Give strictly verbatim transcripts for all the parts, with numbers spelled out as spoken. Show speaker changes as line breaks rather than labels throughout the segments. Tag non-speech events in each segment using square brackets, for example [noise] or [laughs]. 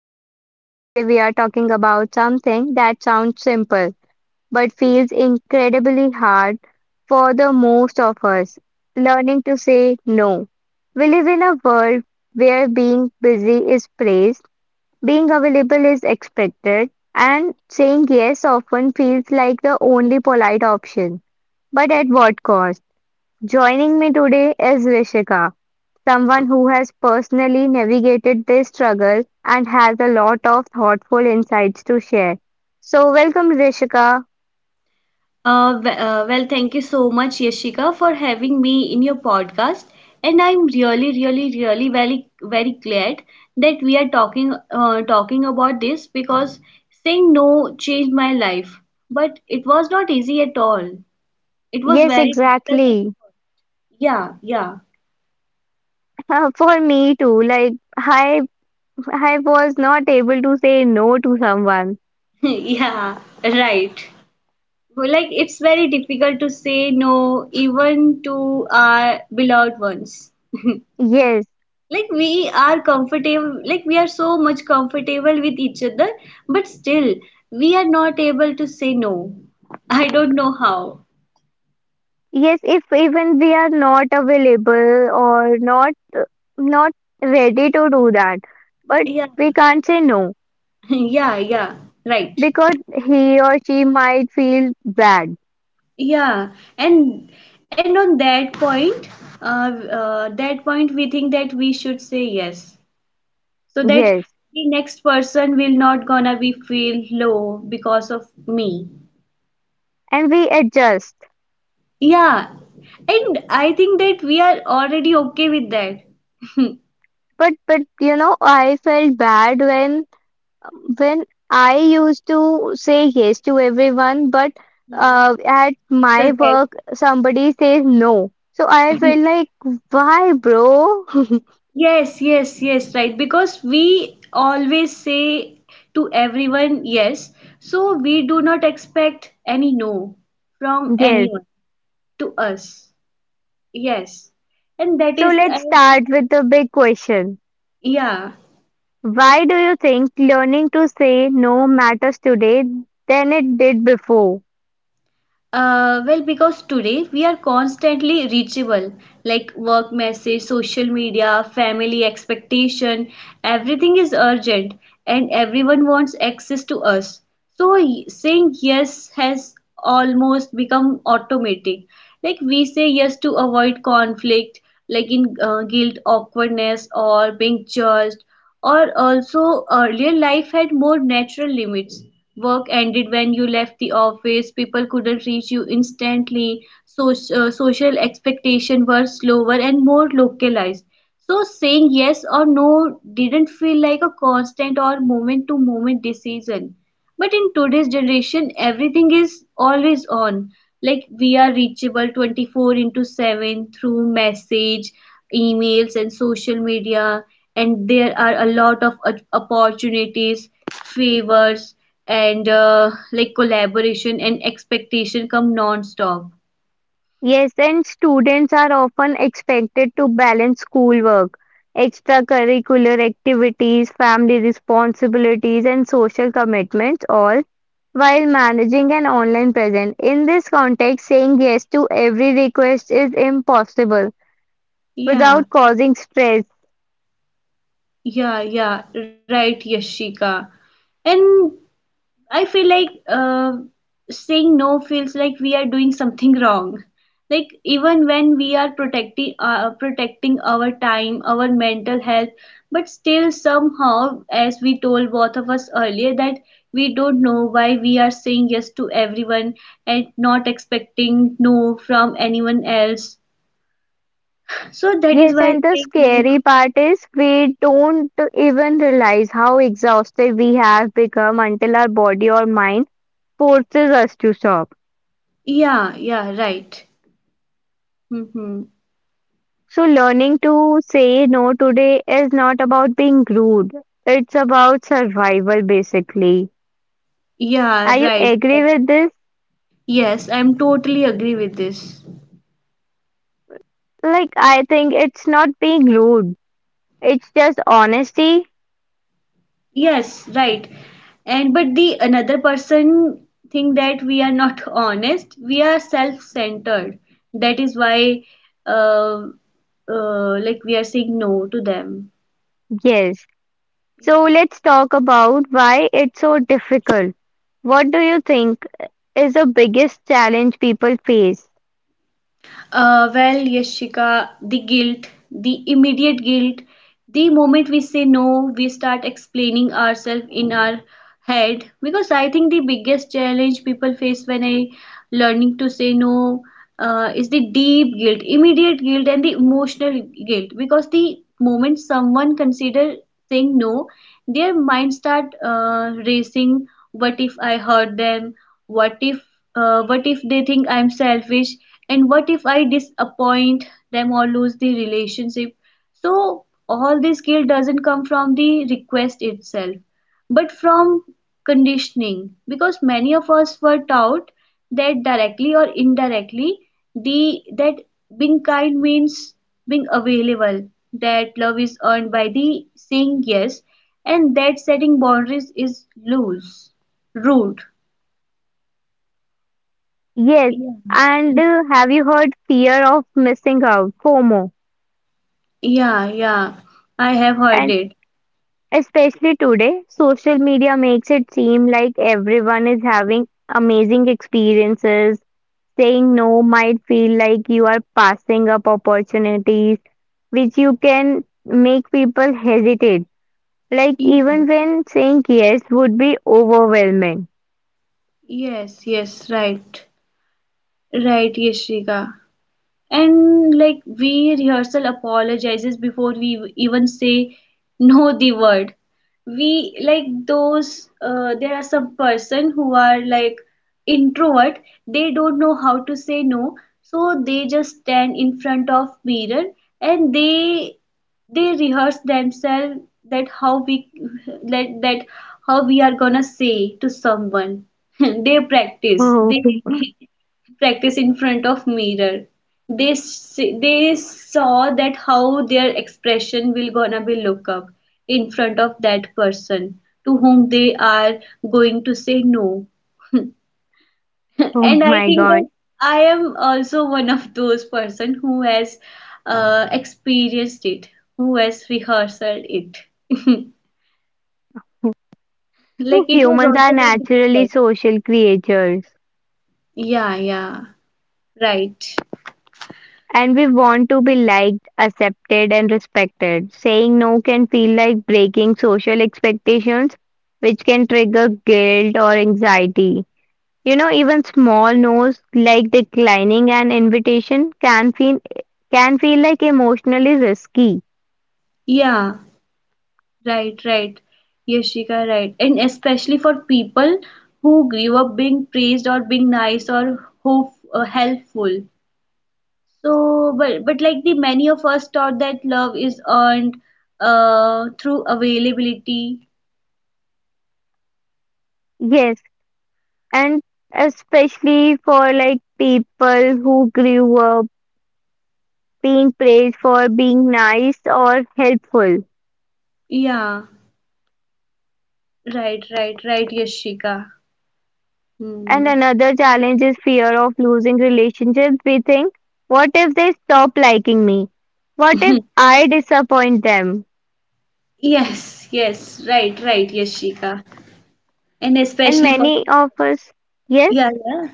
Yashika and today we are talking about something that sounds simple but feels incredibly hard for the most of us, learning to say no. We live in a world where being busy is praised, being available is expected, and saying yes often feels like the only polite option. But at what cost? Joining me today is Rishika. Someone who has personally navigated this struggle and has a lot of thoughtful insights to share. So, welcome, Rishika.
Uh, w- uh, well, thank you so much, Yashika, for having me in your podcast. And I'm really, really, really very, very glad that we are talking, uh, talking about this because saying no changed my life. But it was not easy at all. It was
Yes,
very difficult. At
exactly. [laughs]
Yeah, yeah,
Uh, For me too. Like I, I was not able to say no to someone.
[laughs] yeah, right. Well, Like it's very difficult to say no even to our beloved ones.
Yes,
Like we are comfortable, like we are so much comfortable with each other, but still we are not able to say no. [laughs] I don't know how.
yes. If even we are not available or not, not ready to do that, but
Yeah.
we can't say no
[laughs] Yeah, yeah, right.
because he or she might feel bad.
Yeah. And and on that point, uh, uh that point we think that we should say yes so that
Yes,
the next person will not gonna be feel low because of me.
and we adjust.
Yeah, and I think that we are already okay with that. [laughs]
But but you know, I felt bad when when I used to say yes to everyone, but
Mm.
uh, at
So
my
that
work somebody says no. So I felt like, why, bro? [laughs]
yes, yes, yes, right. Because we always say to everyone yes, so we do not expect any no from
Yes.
anyone to us. Yes, and that
So
is uh,
let's start with the big question.
yeah.
Why do you think learning to say no matters today than it did before?
Uh, well, because today we are constantly reachable, like work message, social media, family expectation, everything is urgent and everyone wants access to us. So y- saying yes has almost become automatic. Like we say yes to avoid conflict, like in uh, guilt, awkwardness, or being judged. Or also earlier life had more natural limits. Work ended when you left the office, people couldn't reach you instantly, so, uh, social expectations were slower and more localized. So saying yes or no didn't feel like a constant or moment to moment decision. But in today's generation, everything is always on. Like we are reachable twenty-four into seven through message, emails, and social media. And there are a lot of op- opportunities, favors, and uh, like collaboration and expectation come non-stop.
Yes, and students are often expected to balance schoolwork, extracurricular activities, family responsibilities, and social commitments, all while managing an online presence. In this context, saying yes to every request is impossible without
Yeah,
causing stress.
yeah, yeah, right, Yashika. And I feel like um saying no feels like we are doing something wrong. Like even when we are protecting uh, protecting our time, our mental health, but still somehow, as we told both of us earlier, that we don't know why we are saying yes to everyone and not expecting no from anyone else. So that is
Yes,
why
and the
saying no.
scary part is we don't even realize how exhausted we have become until our body or mind forces us to stop.
Yeah, yeah, right. Mm-hmm.
So, learning to say no today is not about being rude, it's about survival basically.
Yeah,
Are you
right,
agree
right.
with this?
Yes, I'm totally agree with this.
Like, I think it's not being rude, it's just honesty.
Yes, right. And but the another person think that we are not [laughs] honest, we are self-centered. That is why uh, uh, like we are saying no to them.
Yes. So,
Yeah.
let's talk about why it's so difficult. What do you think is the biggest challenge people face?
Uh, well, Yashika, the guilt, the immediate guilt, the moment we say no, we start explaining ourselves in our head, because I think the biggest challenge people face when I learning to say no uh, is the deep guilt, immediate guilt, and the emotional guilt, because the moment someone consider saying no, their mind start uh, racing. What if I hurt them? What if, uh, what if they think I'm selfish? And what if I disappoint them or lose the relationship? So all this guilt doesn't come from the request itself, but from conditioning, because many of us were taught that directly or indirectly, the that being kind means being available, that love is earned by the saying yes, and that setting boundaries is loose rude.
Yes.
Yeah.
And
Mm.
uh, have you heard fear of missing out, FOMO?
Yeah, yeah. I have heard
And
it.
especially today, social media makes it seem like everyone is having amazing experiences. Saying no might feel like you are passing up opportunities, which you can make people hesitate. Like,
Yes,
even when saying yes would be overwhelming.
yes, yes, right. Right, Yashika. And like we rehearsal apologizes before we even say no the word. We like those, uh, there are some person who are like introvert, they don't know how to say no, so they just stand in front of mirror and they they rehearse themselves that how we that, that how we are gonna say to someone. [laughs] They practice,
Oh,
they [laughs] practice in front of mirror. They see, they saw that how their expression will gonna be look up in front of that person to whom they are going to say no.
[laughs] oh
And I
my
think
god.
that I am also one of those person who has uh, experienced it, who has rehearsed it. [laughs] Like
So,
it was
humans are
also very
naturally
difficult.
social creatures.
Yeah, yeah, right.
And we want to be liked, accepted, and respected. Saying no can feel like breaking social expectations, which can trigger guilt or anxiety. You know, even small no's like declining an invitation can feel can feel like emotionally risky.
Yeah. Right, right, Yashika, right. And especially for people who grew up being praised or being nice or hope, uh, helpful. So, but but like the many of us thought that love is earned uh, through availability.
Yes, and especially for like people who grew up being praised for being nice or helpful.
Yeah, right, right, right, Yashika.
And
Hmm.
another challenge is fear of losing relationships. We think, what if they stop liking me? What if
[laughs]
I disappoint them?
Yes, yes, right, right, Yashika. And
And
especially for
many of us, yes,
yeah, yeah.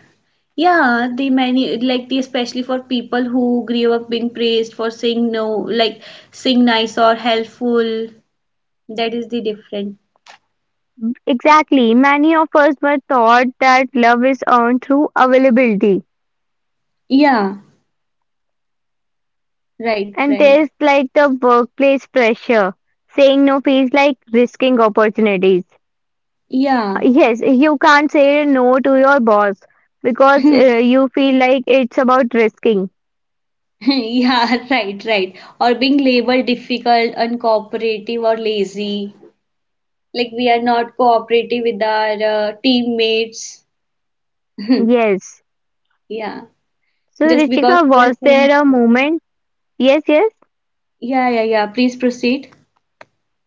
Yeah, the many like the especially for people who grew up being praised for saying no, like saying nice or helpful. That is the different.
exactly, many of us were taught that love is earned through availability.
Yeah, right,
And
right.
there's like the workplace pressure. Saying no feels like risking opportunities.
Yeah.
Yes, you can't say no to your boss because uh,
[laughs]
you feel like it's about risking.
Yeah, right, right. Or being labeled difficult, uncooperative, or lazy. Like we are not cooperative with our uh, teammates. [laughs]
Yes.
Yeah.
So
Just because
Richika,
we are
was
saying
there a
no.
moment? Yes, yes.
Yeah, yeah, yeah. Please proceed.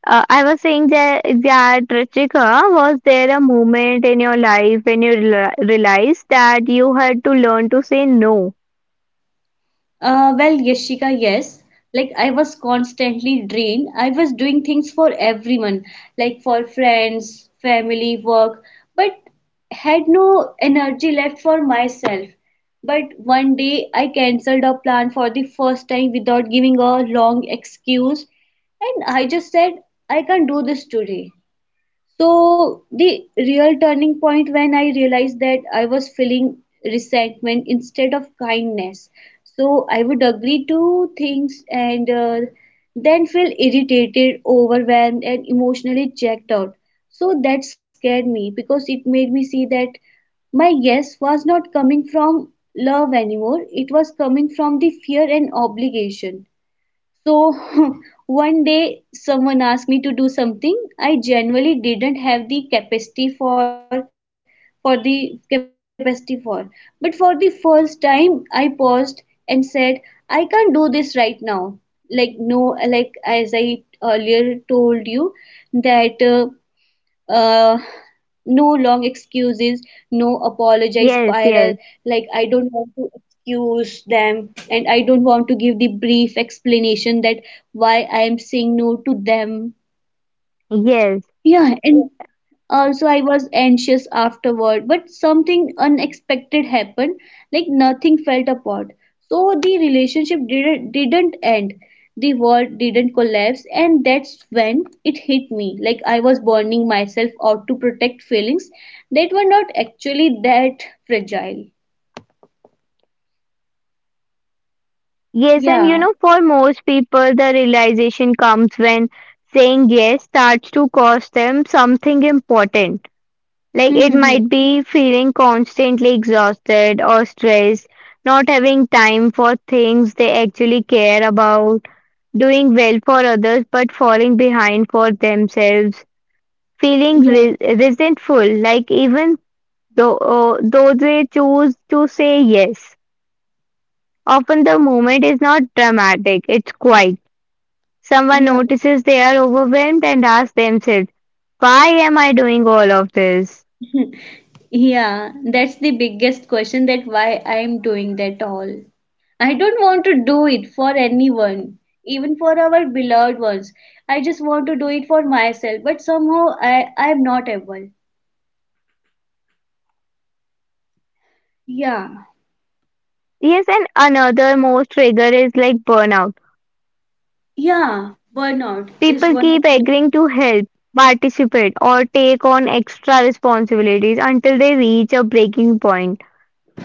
Uh, I was saying that, that Richika, was there a moment in your life when you rela- realized that you had to learn to say no?
Uh, well, Yashika, yes. Like I was constantly drained. I was doing things for everyone, like for friends, family, work, but had no energy left for myself. But one day I cancelled a plan for the first time without giving a long excuse, and I just said, I can't do this today. So the real turning point when I realized that I was feeling resentment instead of kindness. So I would agree to things and uh, then feel irritated, overwhelmed, and emotionally checked out. So that scared me because it made me see that my yes was not coming from love anymore, it was coming from the fear and obligation. So [laughs] one day someone asked me to do something I generally didn't have the capacity for for the capacity for. But for the first time I paused and said, I can't do this right now. Like no, like as I earlier told you that uh, uh, no long excuses, no apologize
Yes,
spiral.
yes,
Like, I don't want to excuse them, and I don't want to give the brief explanation that why I am saying no to them.
yes,
Yeah, and also, I was anxious afterward, but something unexpected happened, like nothing felt apart. So the relationship didn't didn't end. The world didn't collapse, and that's when it hit me. Like I was burning myself out to protect feelings that were not actually that fragile.
yes. And you know,
Yeah.
for most people, the realization comes when saying yes starts to cost them something important. Like it might
[laughs]
be feeling constantly exhausted or stressed, not having time for things they actually care about, doing well for others but falling behind for themselves, feeling re-
Yeah.
resentful, like even though, uh, though they choose to say yes. Often the moment is not dramatic, it's quiet. Someone
Yeah.
notices they are overwhelmed and asks themselves, why am I doing all of this?
Yeah, that's the biggest question that why I am doing that all. I don't want to do it for anyone, even for our beloved ones. I just want to do it for myself, but somehow I, I am not able. Yeah,
Yes, and another most trigger is like burnout.
yeah, burnout is
People
one of
keep
the.
agreeing to help, participate, or take on extra responsibilities until they reach a breaking point.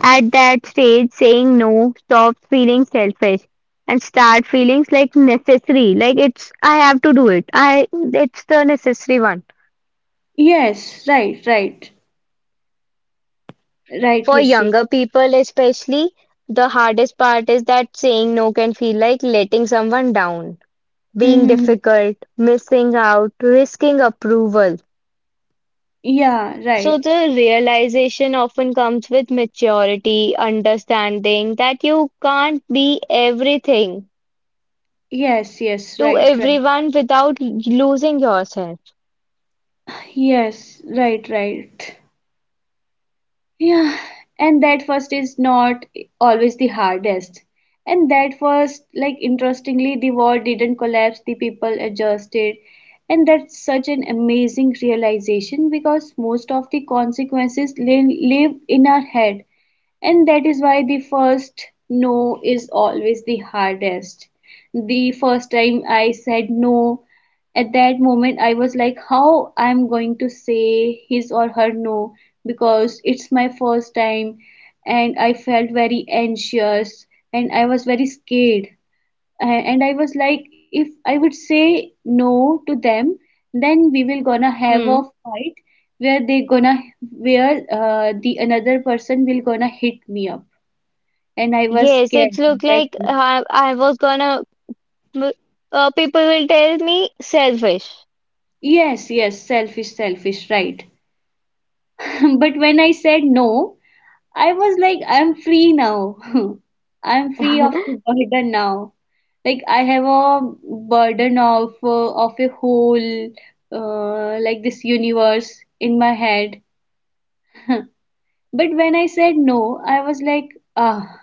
At that stage, saying no stops feeling selfish and start feelings like necessary. Like it's I have to do it. I it's the necessary one.
Yes, right, right, right,
For
Yashik.
younger people especially, the hardest part is that saying no can feel like letting someone down. Being
Mm-hmm.
difficult, missing out, risking approval.
Yeah,
So,
right.
the realization often comes with maturity, understanding that you can't be everything
Yes, yes,
to
right, right.
everyone without losing yourself.
Yes, right, right. Yeah, and that first is not always the hardest. And that first, like interestingly, the wall didn't collapse, the people adjusted. And that's such an amazing realization because most of the consequences li- live in our head. And that is why the first no is always the hardest. The first time I said no, at that moment I was like how I'm going to say his or her no, because it's my first time, and I felt very anxious, and I was very scared. A- And I was like if I would say no to them, then we will gonna have a
Hmm.
fight where they gonna where uh, the another person will gonna hit me up, and I was
Yes,
scared
it
at
looked
that
like
moment.
I, I was gonna. Uh, people will tell me selfish. [laughs]
Yes, yes, selfish, selfish, right. [laughs] But when I said no, I was like, I'm free now. [laughs] I'm free of the burden now. Like I have a burden of uh, of a whole uh, like this universe in my head. [laughs] But when I said no, I was like, ah,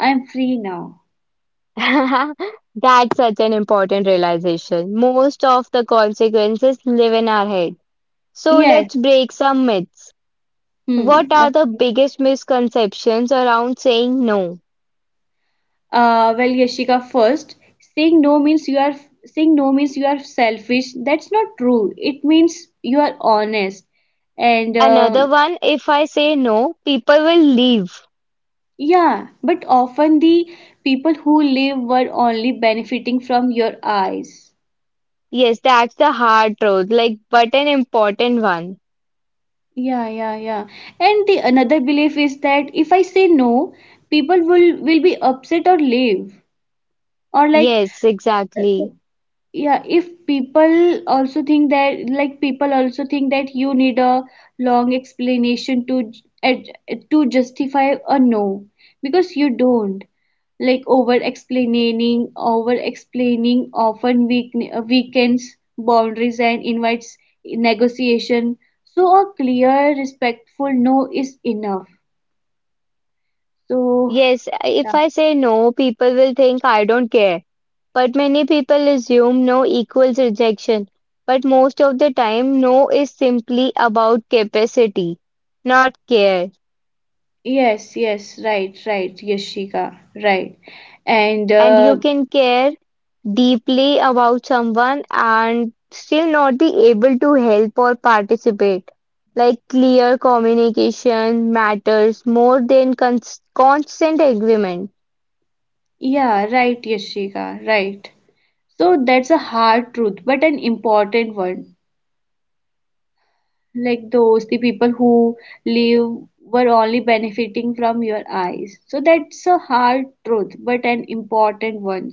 I'm free now.
That's such an important realization. Most of the consequences live in our head. So
Yes.
let's break some myths. What
Hmm.
are the
Okay.
biggest misconceptions around saying no?
Uh, well, Yashika, first, saying no means you are saying no means you are selfish. That's not true. It means you are honest and uh,
Another one, if I say no, people will leave.
yeah, but often the people who live were only benefiting from your eyes.
Yes, that's the hard truth, like, but an important one.
Yeah, yeah, yeah. And the another belief is that if I say no, people will will be upset or leave. Or like
Yes,
uh,
exactly.
yeah, if people also think that, like people also think that you need a long explanation to j- ad- to justify a no, because you don't, like over explaining over explaining often weak, weakens boundaries and invites negotiation, so a clear respectful no is enough, so
Yes,
yeah.
if I say no, people will think I don't care. But many people assume no equals rejection. But most of the time, no is simply about capacity, not care.
Yes, yes, right, right, Yashika, right. And
And
uh,
you can care deeply about someone and still not be able to help or participate. Like clear communication matters more than cons constant agreement.
yeah, right, Yashika, right. So that's a hard truth, but an important one. Like those, the people who live were only benefiting from your eyes. So that's a hard truth, but an important one.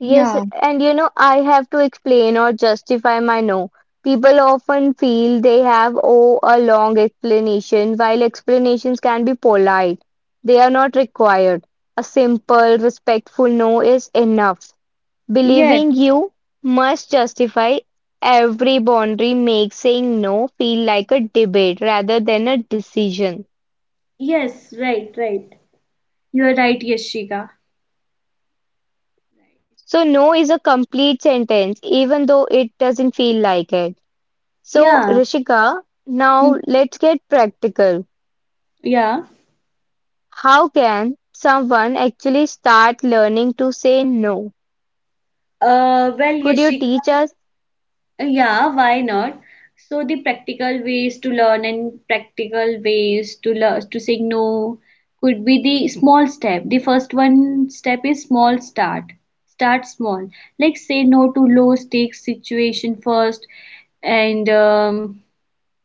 Yes,
Yeah,
and you know, I have to explain or justify my no. People often feel they have oh a long explanation, while explanations can be polite. They are not required. A simple, respectful no is enough.
yes,
Believing you must justify every boundary makes saying no feel like a debate rather than a decision.
yes, right, right. You're right, Yashika.
So, no is a complete sentence, even though it doesn't feel like it. So,
Yeah.
Rishika,
Hmm.
now let's get practical.
Yeah.
How can someone actually start learning to say no?
Uh, well,
Could you
Yashika.
teach us?
Yeah, why not? So the practical ways to learn and practical ways to learn to say no could be the small step. The first one step is small start. Start small. Like say no to low stakes situation first, and um,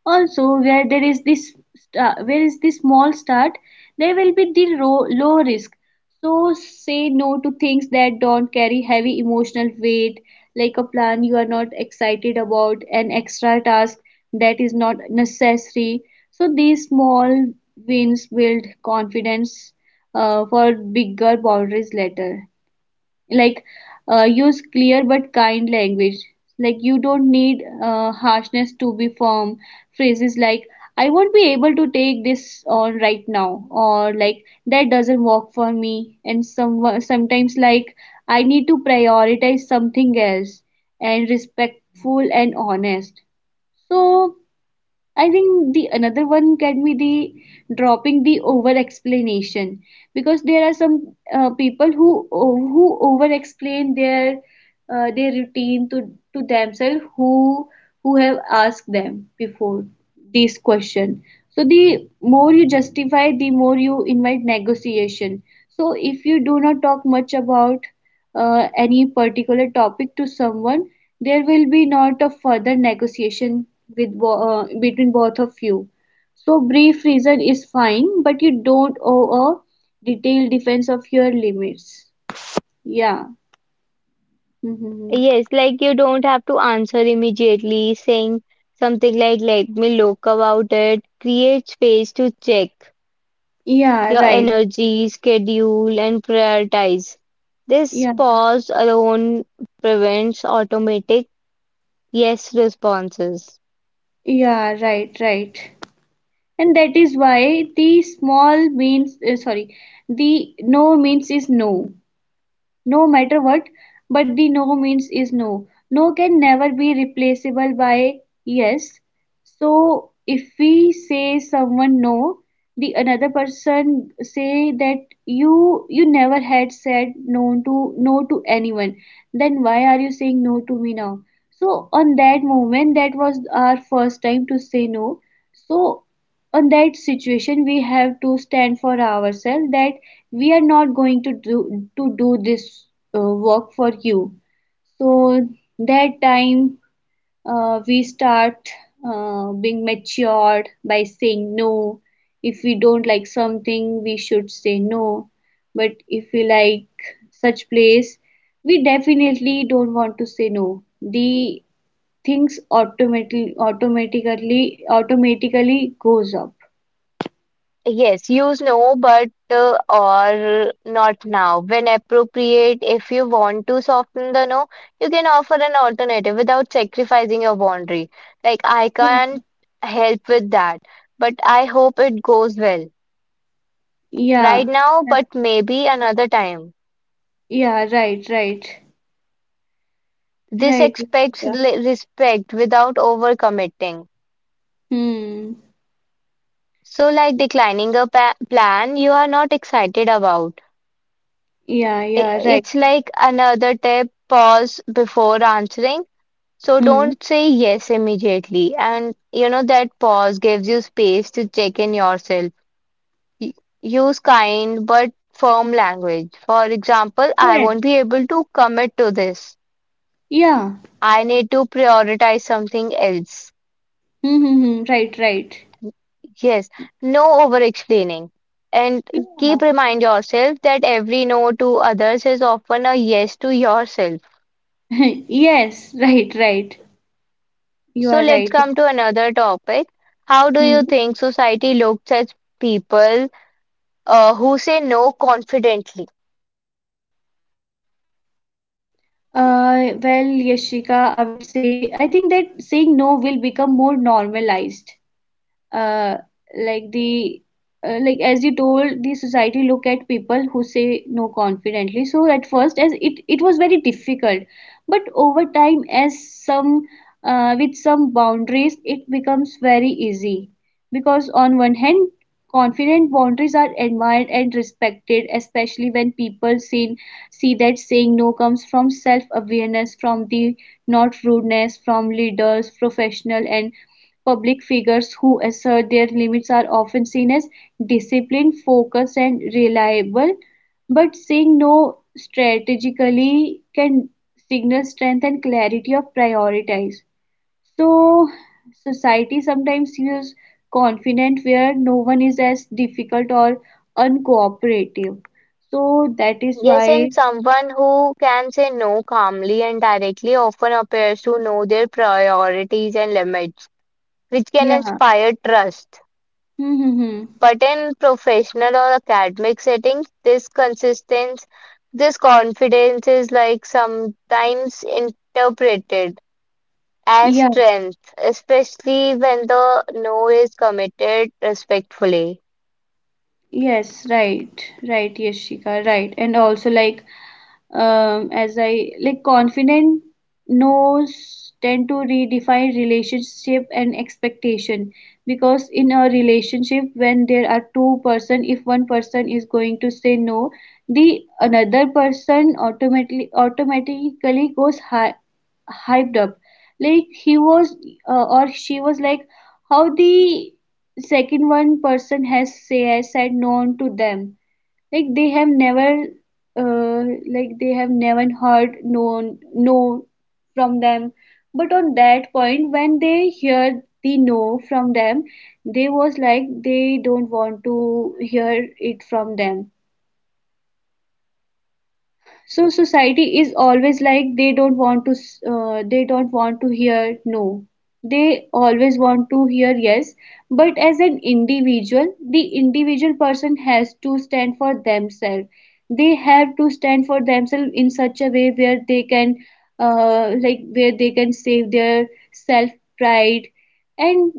also, where there is this sta- where is this small start, there will be the ro- low risk. So say no to things that don't carry heavy emotional weight, like a plan you are not excited about, an extra task that is not necessary. So these small wins build confidence uh, for bigger boundaries later, like uh, use clear but kind language. Like you don't need uh, harshness to be firm. Phrases like I won't be able to take this on right now, or like that doesn't work for me, and some sometimes like I need to prioritize something else, and respectful and honest. So I think the another one can be the dropping the over explanation, because there are some uh, people who who over explain their uh, their routine to to themselves who who have asked them before this question. So the more you justify, the more you invite negotiation. So if you do not talk much about uh, any particular topic to someone, there will be not a further negotiation with bo- uh, between both of you. So brief reason is fine, but you don't owe a detailed defense of your limits. Yeah. Hmm.
Yes, like you don't have to answer immediately, saying something like, let me look about it. Create space to check
Yeah,
your
right.
energy, schedule, and prioritize. This
Yeah.
pause alone prevents automatic yes responses.
Yeah, right, right. And that is why the small means, uh, sorry, the no means is no. No matter what, but the no means is no. No can never be replaceable by yes. So if we say someone no, the another person say that you you never had said no to no to anyone, then why are you saying no to me now? So on that moment, that was our first time to say no. So on that situation, we have to stand for ourselves that we are not going to do to do this uh, work for you. So that time uh, we start uh, being matured by saying no. If we don't like something we should say no, but if we like such place we definitely don't want to say no. The things automatically automatically automatically goes up.
Yes, use no but uh, or not now. When appropriate, if you want to soften the no, you can offer an alternative without sacrificing your boundary. Like, I can't help with that, but I hope it goes well.
Yeah,
Right now,
yeah,
but maybe another time.
yeah, right, right.
This
Right.
expects
Yeah.
li- respect without overcommitting.
Hmm.
So, like declining a pa plan you are not excited about.
Yeah,
I-
yeah, right.
It's like another tip, pause before answering. So
Hmm.
don't say yes immediately. And you know that pause gives you space to check in yourself. Y- Use kind but firm language. For example, I
Yes.
won't be able to commit to this.
Yeah.
I need to prioritize something else.
Hmm, hmm, hmm. Right, right.
Yes, no over explaining. And
Yeah.
keep remind yourself that every no to others is often a yes to yourself.
[laughs] Yes, right, right. You
So
are
let's
right.
come to another topic. How do you
Hmm.
think society looks at people uh, who say no confidently.
Uh, well, Yashika, I would say I think that saying no will become more normalized. uh, like the uh, like as you told, the society look at people who say no confidently. So at first, as it it was very difficult, but over time, as some uh, with some boundaries it becomes very easy, because on one hand confident boundaries are admired and respected, especially when people see see that saying no comes from self awareness, from the not rudeness. From leaders, professional and public figures who assert their limits are often seen as disciplined, focused, and reliable. But saying no strategically can signal strength and clarity of priorities. So, society sometimes feels confident where no one is, as difficult or uncooperative. So, that is
Yes, and
why,
someone who can say no calmly and directly often appears to know their priorities and limits, which can
yeah.
inspire trust.
Hmm, hmm, hmm.
But in professional or academic settings, this consistency, this confidence is like sometimes interpreted as
Yeah.
strength, especially when the no is committed respectfully.
Yes, right, right, Yashika, right. And also like, um, as I like confident knows tend to redefine relationship and expectation, because in a relationship, when there are two person, if one person is going to say no, the another person automatically automatically goes high, hyped up. Like he was uh, or she was like, how the second one person has say has said known to them. Like they have never uh, like they have never heard known no from them. But on that point when they hear the no from them, they was like they don't want to hear it from them. So society is always like, they don't want to s- uh, they don't want to hear no, they always want to hear yes. But as an individual, the individual person has to stand for themselves. They have to stand for themselves in such a way where they can uh, like where they can save their self pride. And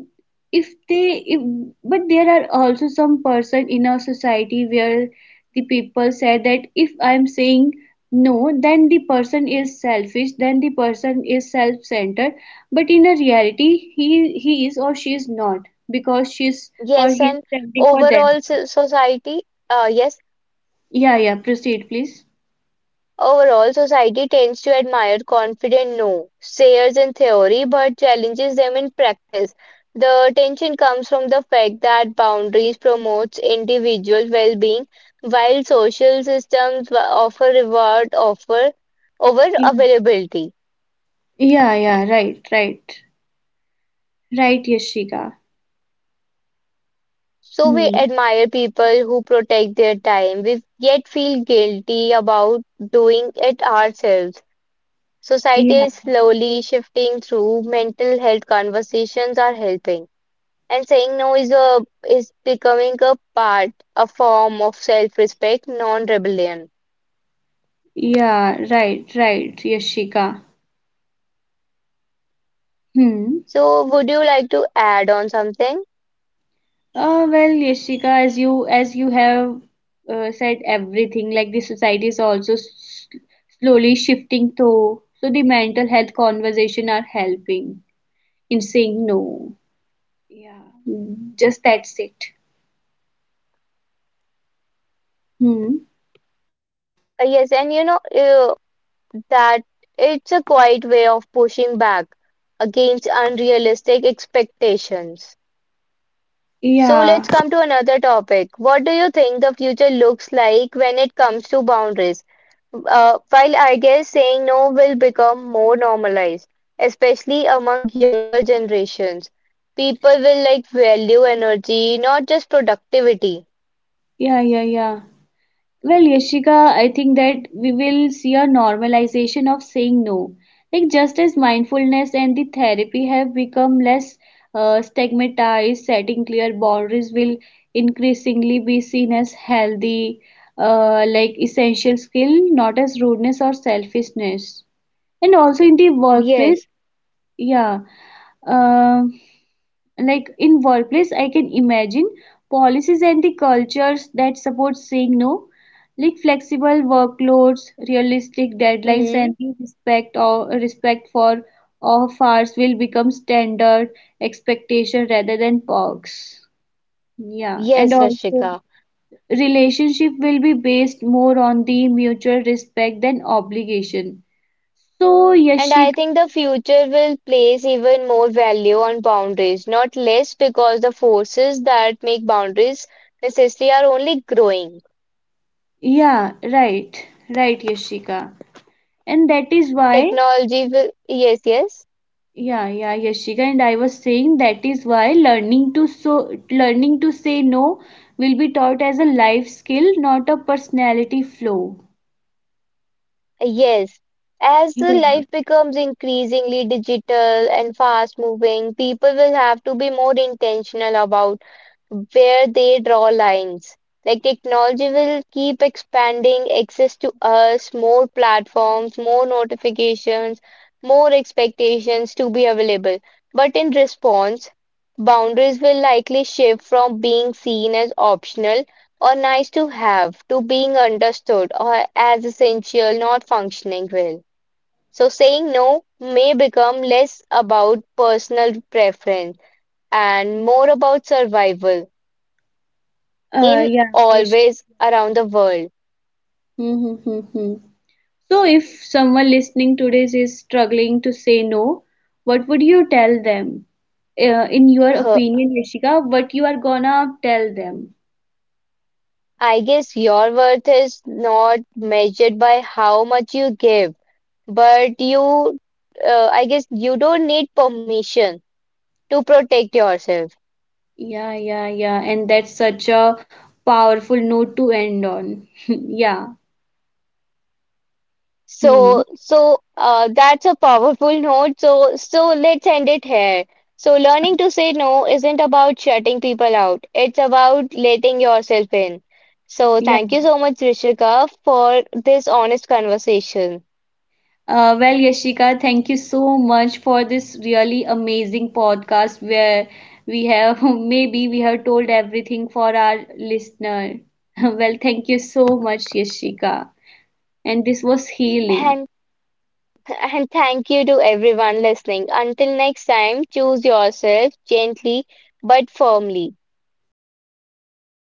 if they if, but there are also some person in our society where the people said that if I'm saying no, then the person is selfish, then the person is self-centered. But in a reality, he he is or she is not, because she's or
Yes,
he's
and
standing for
overall
them.
so- society, uh, yes.
Yeah, yeah, proceed, please.
Overall, society tends to admire confident no-sayers in theory, but challenges them in practice. The tension comes from the fact that boundaries promotes individual well-being, while social systems offer reward offer over
Yeah,
availability.
yeah, yeah, right, right, right, Yashika.
So we
Hmm.
admire people who protect their time, we yet feel guilty about doing it ourselves. Society
Yeah,
is slowly shifting through mental health conversations are helping. And saying no is a is becoming a part, a form of self-respect, non-rebellion.
yeah, right, right, Yashika. Hmm.
So, would you like to add on something?
Uh, well, Yashika, as you as you have uh, said everything, like the society is also s- slowly shifting though. So the mental health conversation are helping in saying no. Yeah, mm, just that's it. Hmm.
Uh, yes, and you know uh, that it's a quiet way of pushing back against unrealistic expectations.
Yeah,
So, let's come to another topic. What do you think the future looks like when it comes to boundaries? Uh, while I guess saying no will become more normalized, especially among younger generations. People will like value energy, not just productivity.
yeah, yeah, yeah. Well, Yashika, I think that we will see a normalization of saying no. Like just as mindfulness and the therapy have become less uh, stigmatized, setting clear boundaries will increasingly be seen as healthy, uh, like essential skill, not as rudeness or selfishness. And also in the workplace,
Yes.
yeah, uh, like in workplace I can imagine policies and the cultures that support saying no, like flexible workloads, realistic deadlines,
Hmm.
and the respect or respect for off hours will become standard expectation rather than perks. Yeah, and
Yes,
also
Rashika.
relationship will be based more on the mutual respect than obligation. So,
And I
Yashika,
think the future will place even more value on boundaries, not less because the forces that make boundaries necessary are only growing.
yeah, right, right, Yashika. And that is why,
Technology will, yes, yes.
yeah, yeah, Yashika, and I was saying that is why learning to so learning to say no will be taught as a life skill, not a personality flaw.
Yes, as the
Yeah.
life becomes increasingly digital and fast moving, people will have to be more intentional about where they draw lines. Like technology will keep expanding access to us, more platforms, more notifications, more expectations to be available. But in response, boundaries will likely shift from being seen as optional or nice to have to being understood or as essential, not functioning well. So saying no may become less about personal preference and more about survival
Uh,
in
yeah, Yashika.
always around the world.
Mm-hmm. So if someone listening today is struggling to say no, what would you tell them? Uh, in your
Huh,
opinion, Yashika, what you are gonna tell them?
I guess your worth is not measured by how much you give, but you, uh, I guess you don't need permission to protect yourself.
Yeah, yeah, yeah. And that's such a powerful note to end on. [laughs] Yeah.
So,
Hmm.
so uh, that's a powerful note. So, so let's end it here. So, learning to say no isn't about shutting people out. It's about letting yourself in. So,
Yeah.
thank you so much, Rishika, for this honest conversation.
Uh, well, Yashika, thank you so much for this really amazing podcast where we have [laughs] maybe we have told everything for our listener. [laughs] Well, thank you so much, Yashika. And this was healing.
And And thank you to everyone listening. Until next time, choose yourself gently but firmly.
Yes, of